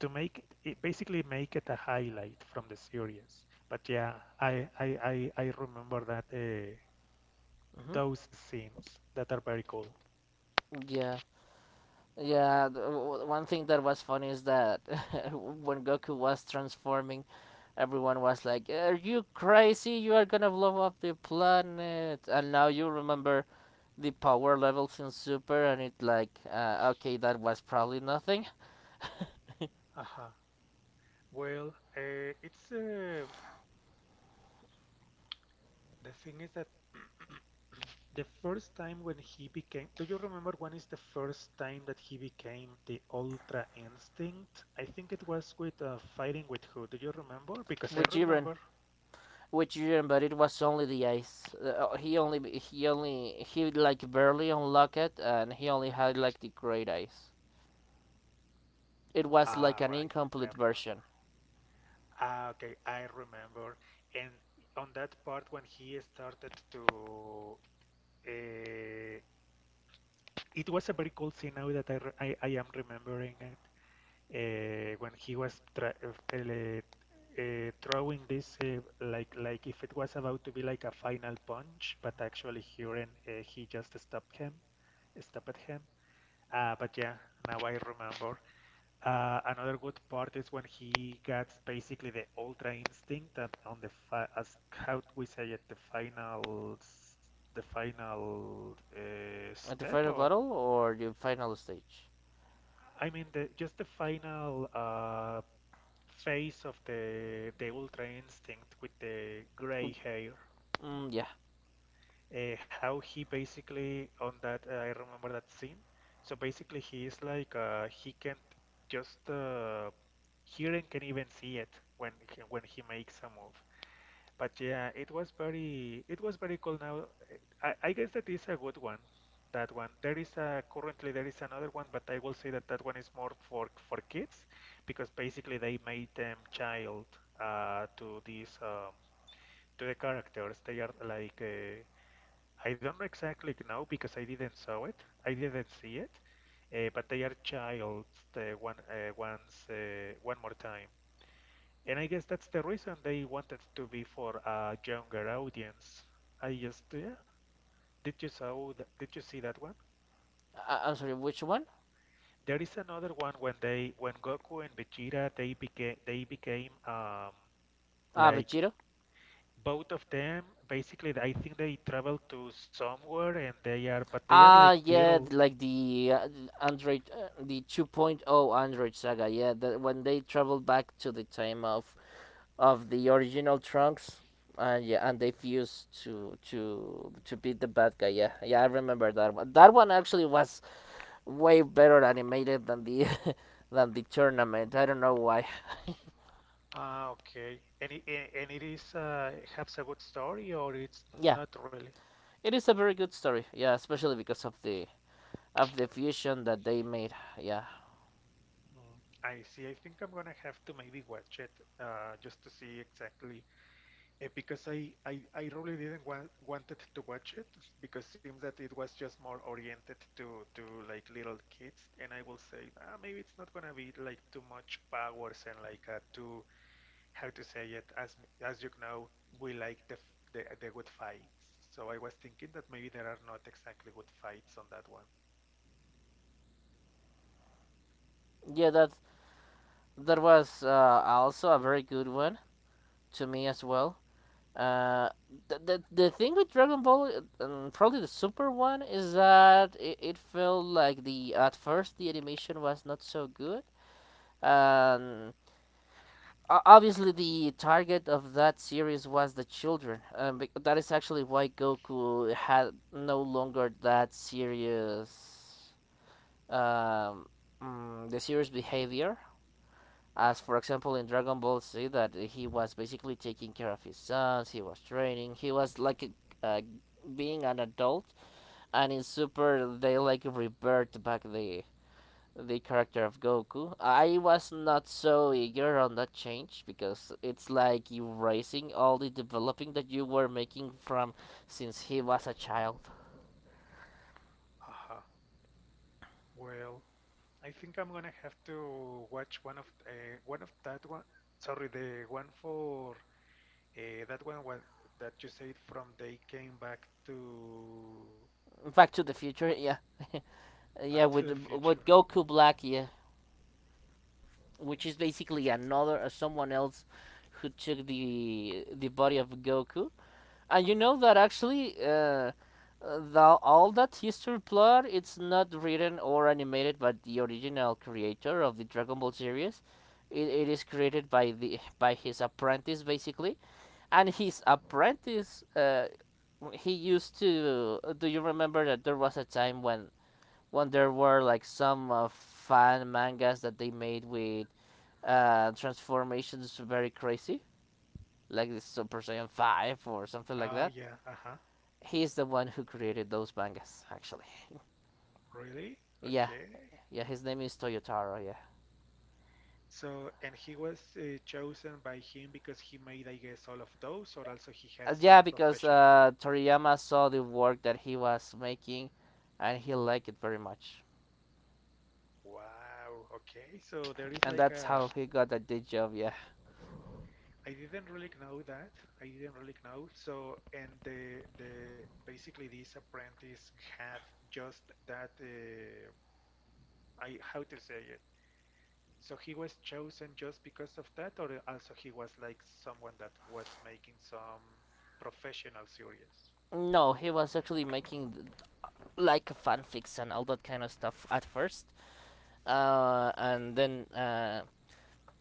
Speaker 2: to make it, it basically make it a highlight from the series. But yeah, I remember that
Speaker 1: Mm-hmm.
Speaker 2: those scenes that are very cool.
Speaker 1: Yeah. Yeah, the, one thing that was funny is that when Goku was transforming, everyone was like, "Are you crazy? You are gonna blow up the planet!" And now you remember the power levels in Super, and it like, okay, that was probably nothing.
Speaker 2: Uh-huh. Well, it's the thing is that the first time when he became, do you remember when is the first time that he became the Ultra Instinct? I think it was with fighting with who? Do you remember? Because I
Speaker 1: With Jiren,
Speaker 2: remember.
Speaker 1: but it was only the ice. He only, he like barely unlocked it, and he only had like the great ice. It was
Speaker 2: Ah,
Speaker 1: like an
Speaker 2: right, I
Speaker 1: incomplete
Speaker 2: remember.
Speaker 1: version.
Speaker 2: Ah, okay, I remember. And on that part when he started to, uh, it was a very cool scene now that I, re- I am remembering it. When he was throwing this like if it was about to be like a final punch, but actually Huron he just stopped him, stopped him. But yeah, now I remember. Another good part is when he gets basically the ultra instinct and on as how we say it the final the final
Speaker 1: At the
Speaker 2: step
Speaker 1: final
Speaker 2: or
Speaker 1: battle or the final stage?
Speaker 2: I mean the just the final face of the Ultra Instinct with the gray
Speaker 1: Oop.
Speaker 2: hair.
Speaker 1: Mm, yeah.
Speaker 2: How he basically on that I remember that scene. So basically he is like he can't just hear and can even see it when he makes a move. But yeah, it was very cool. Now, I guess that is a good one. That one. There is a currently there is another one, but I will say that that one is more for kids because basically they made them child to these to the characters. They are like I don't know exactly now because I didn't saw it. I didn't see it, but they are child one more time. And I guess that's the reason they wanted to be for a younger audience. I just yeah. Did you saw that, did you see that one?
Speaker 1: I- I'm sorry, which one?
Speaker 2: There is another one when Goku and Vegeta they became
Speaker 1: Ah,
Speaker 2: like
Speaker 1: Vegito?
Speaker 2: both of them basically I think they travel to somewhere and they are but they are like
Speaker 1: Ah, yeah,
Speaker 2: little.
Speaker 1: like the Android, the 2.0 point oh Android saga. Yeah, that when they traveled back to the time of the original Trunks. And Yeah, and they fused to beat the bad guy. Yeah, yeah, I remember that one. That one actually was way better animated than the than the tournament. I don't know why.
Speaker 2: Ah, okay, and it is has a good story or it's
Speaker 1: Yeah,
Speaker 2: not really.
Speaker 1: it is a very good story. Yeah, especially because of the fusion that they made. Yeah,
Speaker 2: Mm, I see. I think I'm gonna have to maybe watch it just to see exactly. Eh, because I really didn't wanted to watch it because it seems that it was just more oriented to like little kids, and I will say ah, maybe it's not gonna be like too much powers and like too how to say it as you know we like the good fights, so I was thinking that maybe there are not exactly good fights on that one.
Speaker 1: yeah, that was also a very good one to me as well. Uh, the, the thing with Dragon Ball, uh, probably the Super one, is that it felt like the at first the animation was not so good, and obviously the target of that series was the children, that is actually why Goku had no longer that serious, um, the serious behavior as
Speaker 2: Uh-huh.
Speaker 1: for example in Dragon Ball Z, that he was basically taking care of his sons, he was training, he was like a, being an adult, and in Super they like revert back the character of Goku. I was not so eager on that change because it's like erasing all the developing that you were making from since he was a child.
Speaker 2: Uh-huh. Well, I think I'm gonna have to watch one of that one, sorry, the one for that one when that you said from they came back to
Speaker 1: Back to the Future, yeah,
Speaker 2: Back
Speaker 1: yeah,
Speaker 2: to
Speaker 1: with
Speaker 2: the Future.
Speaker 1: Goku Black, yeah. Which is basically another someone else who took the body of Goku. And you know that actually the, all that history plot it's not written or animated by the original creator of the Dragon Ball series. It is created by the by his apprentice basically, and his apprentice he used to. Do you remember that there was a time when there were like some fan mangas that they made with transformations very crazy, like this Super Saiyan 5 or something like
Speaker 2: Ah,
Speaker 1: that.
Speaker 2: yeah, uh-huh.
Speaker 1: He's the one who created those mangas, actually.
Speaker 2: Really?
Speaker 1: Yeah,
Speaker 2: Okay.
Speaker 1: yeah, his name is Toyotaro, yeah.
Speaker 2: So, and he was chosen by him because he made, I guess, all of those, or also he had
Speaker 1: Yeah,
Speaker 2: some
Speaker 1: because
Speaker 2: professional.
Speaker 1: Toriyama saw the work that he was making, and he liked it very much.
Speaker 2: Wow. Okay. So there is
Speaker 1: And
Speaker 2: like
Speaker 1: that's
Speaker 2: a.
Speaker 1: how he got that day job, yeah.
Speaker 2: I didn't really know that. I didn't really know. So, and the basically this apprentice had just that. I how to say it. So he was chosen just because of that, or also he was like someone that was making some professional series?
Speaker 1: No, he was actually making like fanfics and all that kind of stuff at first. Uh, and then uh,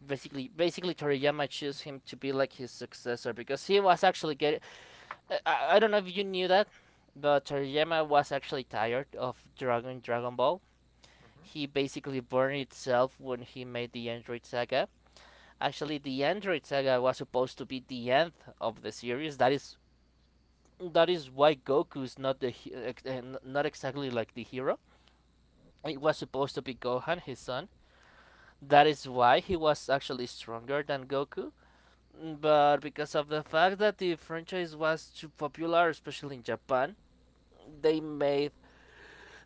Speaker 1: basically basically Toriyama chose him to be like his successor because he was actually getting. I don't know if you knew that, but Toriyama was actually tired of Dragon Ball.
Speaker 2: Mhm.
Speaker 1: He basically burned itself when he made the Android Saga. Actually, the Android Saga was supposed to be the end of the series. That is why Goku is not the eh, not exactly like the hero. It was supposed to be Gohan, his son. That is why he was actually stronger than Goku, but because of the fact that the franchise was too popular, especially in Japan, they made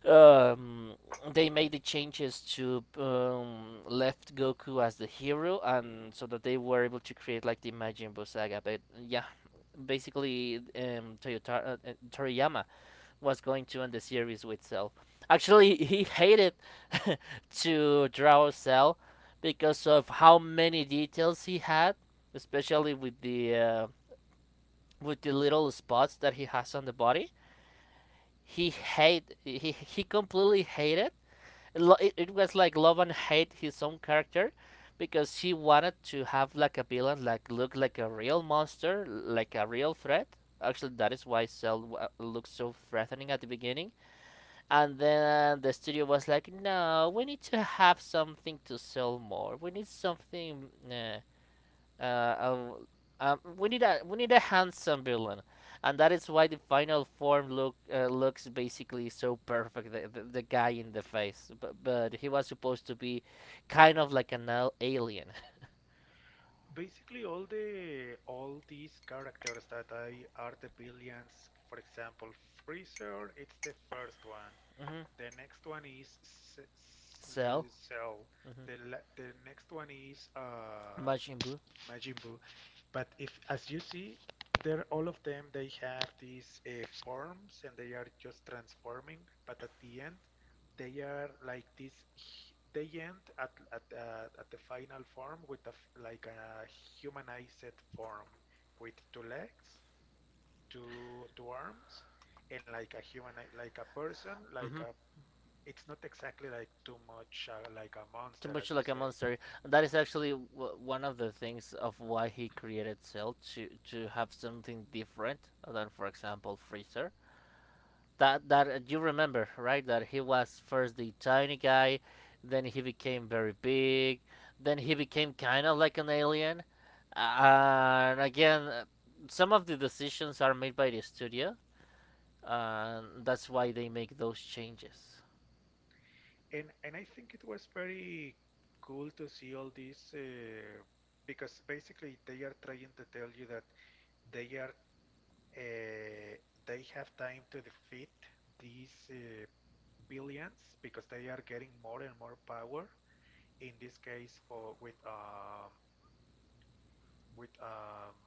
Speaker 1: um, they made the changes to left Goku as the hero, and so that they were able to create like the Majin Buu saga. But yeah, basically, Toriyama was going to end the series with Cell. Actually, he hated to draw Cell because of how many details he had, especially with the little spots that he has on the body. He completely hated. It was like love and hate his own character because he wanted to have like a villain like look like a real monster, like a real threat. Actually, that is why Cell looks so threatening at the beginning. And then the studio was like, "No, we need to have something to sell more. We need something uh, um, we need a handsome villain, and that is why the final form looks basically so perfect. The guy in the face, but he was supposed to be kind of like an alien.
Speaker 2: Basically, all the all these characters that I are the villains. For example, Freezer, it's the first one.
Speaker 1: hmm
Speaker 2: The next one is
Speaker 1: Cell,
Speaker 2: Cell.
Speaker 1: mm-hmm.
Speaker 2: The next one is
Speaker 1: Majin Buu,
Speaker 2: Majin Buu. But if, as you see, they're all of them. They have these forms, and they are just transforming. But at the end, they are like this. They end at at the final form with a like a humanized form with two legs, two arms, and like a human like a person, like
Speaker 1: hmm
Speaker 2: a. It's not exactly like too much like a
Speaker 1: too
Speaker 2: monster,
Speaker 1: much
Speaker 2: as you
Speaker 1: like a
Speaker 2: say.
Speaker 1: monster. And that is actually one of the things of why he created Cell to have something different than, for example, Freezer. That that You remember right that he was first the tiny guy, then he became very big, then he became kind of like an alien. And again Some of the decisions are made by the studio, and that's why they make those changes.
Speaker 2: And I think it was very cool to see all this because basically they are trying to tell you that they are uh, they have time to defeat these billions because they are getting more and more power. In this case, for with with um,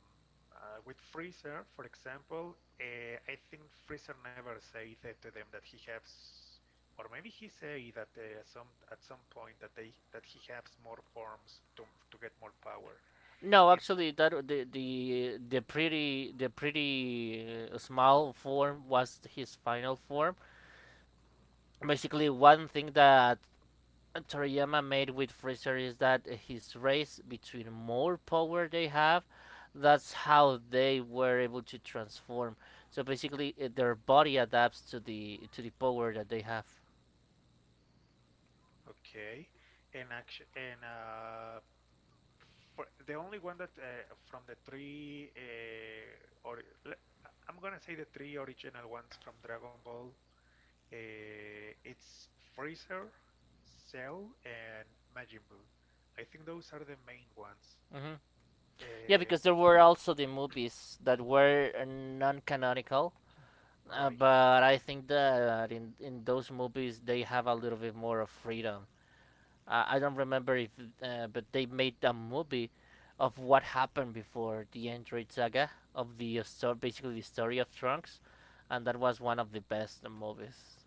Speaker 2: with Freezer, for example, I think Freezer never said that to them that he has, or maybe he said that some at some point that they that he has more forms to get more power.
Speaker 1: No,
Speaker 2: And
Speaker 1: actually that the pretty small form was his final form. Basically one thing that Toriyama made with Freezer is that his race, between more power they have, that's how they were able to transform. So basically, their body adapts to the power that they have.
Speaker 2: okay, and action and for the only one that from the three or I'm gonna say the three original ones from Dragon Ball. It's Freezer, Cell, and Majin Buu. I think those are the main ones.
Speaker 1: Hmm Yeah,
Speaker 2: Uh,
Speaker 1: because there were also the movies that were non-canonical,
Speaker 2: right.
Speaker 1: but I think that in those movies they have a little bit more of freedom. I don't remember if, But they made a movie of what happened before the Android saga of the story, basically the story of Trunks, and that was one of the best movies.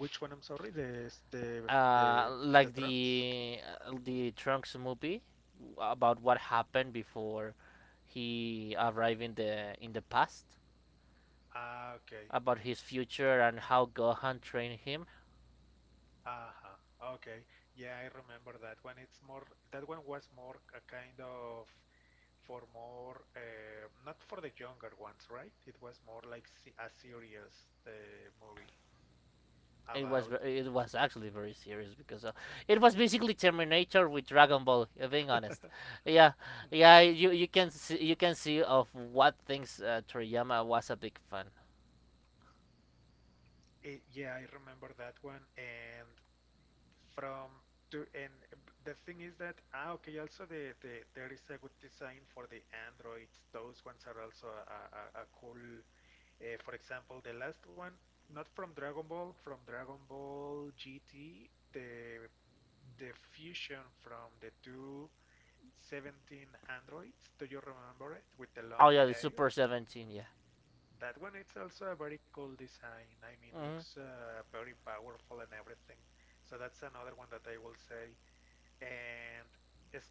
Speaker 2: Which one? I'm sorry.
Speaker 1: Uh, like
Speaker 2: The trunks.
Speaker 1: the the Trunks movie about what happened before he arrived in the past,
Speaker 2: Ah, okay.
Speaker 1: about his future and how Gohan trained him.
Speaker 2: Uh huh. Okay. Yeah, I remember that one. It's more. That one was more a kind of for more not for the younger ones, right? It was more a serious movie
Speaker 1: It was,
Speaker 2: about.
Speaker 1: it was actually very serious because it was basically Terminator with Dragon Ball. Being honest, yeah, yeah, you can see, you can see of what things Toriyama was a big fan.
Speaker 2: It. Yeah, I remember that one. And from to and the thing is that ah okay also the there is a good design for the androids. Those ones are also a cool for example the last one, not from Dragon Ball, from Dragon Ball GT, the fusion from the two seventeen androids, do you remember it with the
Speaker 1: Oh
Speaker 2: long
Speaker 1: yeah, the
Speaker 2: hair?
Speaker 1: Super 17, yeah,
Speaker 2: That one it's also a very cool design. I mean
Speaker 1: mm-hmm.
Speaker 2: looks very powerful and everything, so that's another one that I will say. And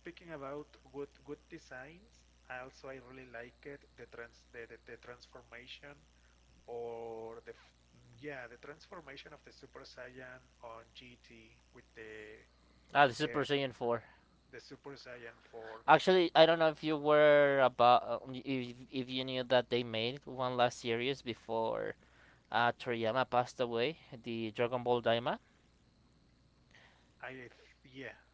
Speaker 2: speaking about good good designs, I also I really like it the trans the transformation or the yeah the transformation of the Super Saiyan on GT with
Speaker 1: Ah, the Super
Speaker 2: the
Speaker 1: Saiyan Four.
Speaker 2: the Super Saiyan 4.
Speaker 1: Actually, I don't know if if you knew that they made one last series before Toriyama passed away, the Dragon Ball Daima,
Speaker 2: I yeah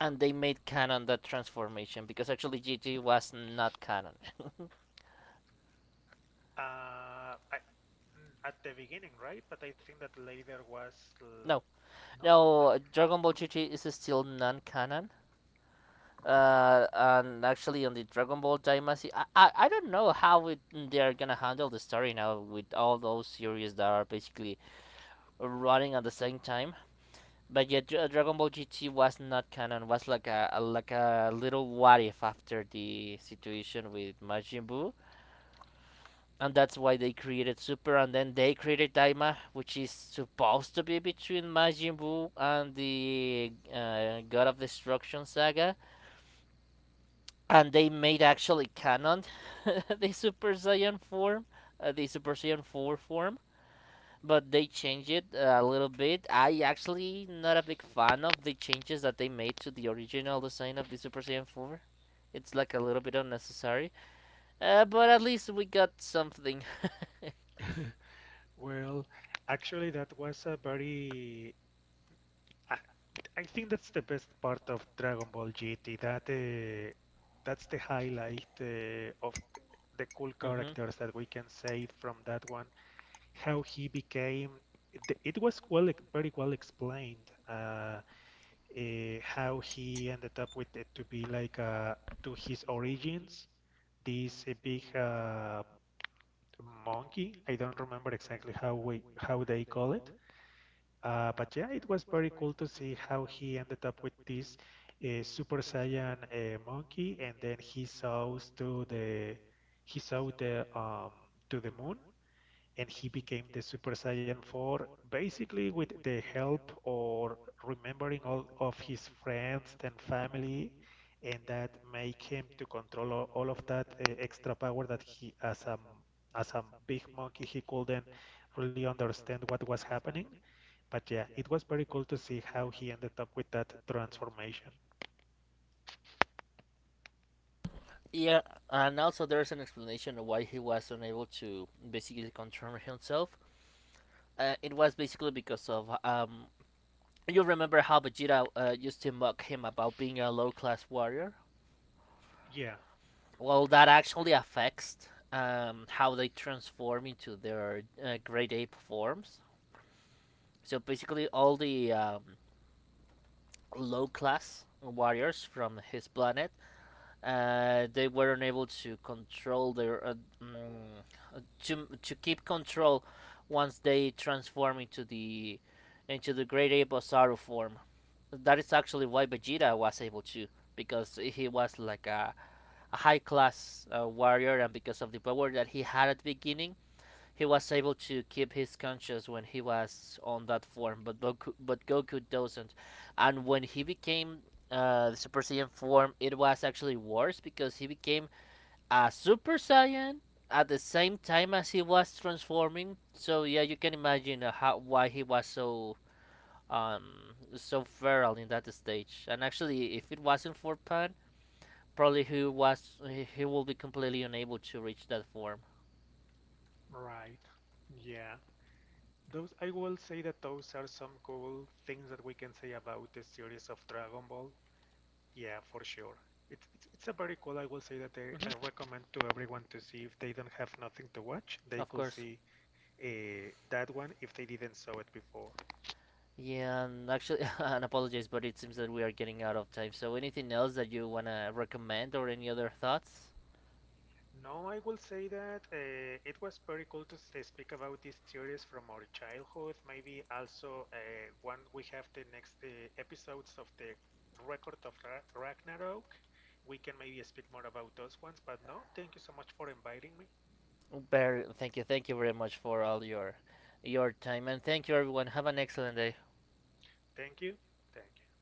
Speaker 2: uh-huh.
Speaker 1: and they made canon that transformation because actually GT was not canon.
Speaker 2: uh I, at the beginning right, but I think that later was
Speaker 1: No,
Speaker 2: l- not
Speaker 1: now,
Speaker 2: never.
Speaker 1: Dragon Ball Chi Chi is still non canon. On the Dragon Ball Daimasi, I don't know how it, they're gonna handle the story now with all those series that are basically running at the same time. But yeah, Dragon Ball GT was not canon. Was like a like a little what if after the situation with Majin Buu, and that's why they created Super, and then they created Daima, which is supposed to be between Majin Buu and the God of Destruction saga, and they made actually canon the Super Saiyan form, the Super Saiyan 4 form, but they changed it a little bit. I actually not a big fan of the changes that they made to the original design of the Super Saiyan 4. It's like a little bit unnecessary, but at least we got something.
Speaker 2: Well, actually, that was a very I, I think that's the best part of Dragon Ball GT. That that's the highlight of the cool
Speaker 1: hmm
Speaker 2: characters that we can say from that one. How he became. It was well, very well explained. How he ended up with it to be like to his origins. This big monkey. I don't remember exactly how we how they call it, but yeah, it was very cool to see how he ended up with this Super Saiyan monkey, and then he saw the to the moon, and he became the Super Saiyan 4, basically with the help or remembering all of his friends and family, and that make him to control all of that extra power that he as a big monkey he couldn't really understand what was happening. But yeah, it was very cool to see how he ended up with that transformation.
Speaker 1: Yeah, and also there's an explanation of why he was unable to basically control himself. It was basically because of. You remember how Vegeta used to mock him about being a low-class warrior?
Speaker 2: Yeah,
Speaker 1: Well, that actually affects how they transform into their great ape forms. So basically, all the low class warriors from his planet they weren't able to control their mm, to keep control once they transform into the Great Ape Abosaru form. That is actually why Vegeta was able to, because he was like a high class warrior, and because of the power that he had at the beginning, he was able to keep his conscience when he was on that form, but Goku doesn't. And when he became the Super Saiyan form, it was actually worse because he became a Super Saiyan at the same time as he was transforming. So yeah, you can imagine how why he was so so feral in that stage. And actually, if it wasn't for Pan, probably he will be completely unable to reach that form.
Speaker 2: right. Yeah. Those I will say that those are some cool things that we can say about the series of Dragon Ball. Yeah, for sure. It's it's a very cool. I will say that
Speaker 1: Hmm
Speaker 2: I recommend to everyone to see if they don't have nothing to watch, they
Speaker 1: of
Speaker 2: could
Speaker 1: course.
Speaker 2: see that one if they didn't saw it before.
Speaker 1: Yeah, and actually, and apologies, but it seems that we are getting out of time. So, anything else that you wanna recommend, or any other thoughts?
Speaker 2: No, I will say that it was pretty cool to speak about this series from our childhood. Maybe also when we have the next episodes of the Ragnarok, we can maybe speak more about those ones. But no, thank you so much for inviting me.
Speaker 1: Thank you very much for all your time, and thank you everyone. Have an excellent day.
Speaker 2: Thank you. Thank you.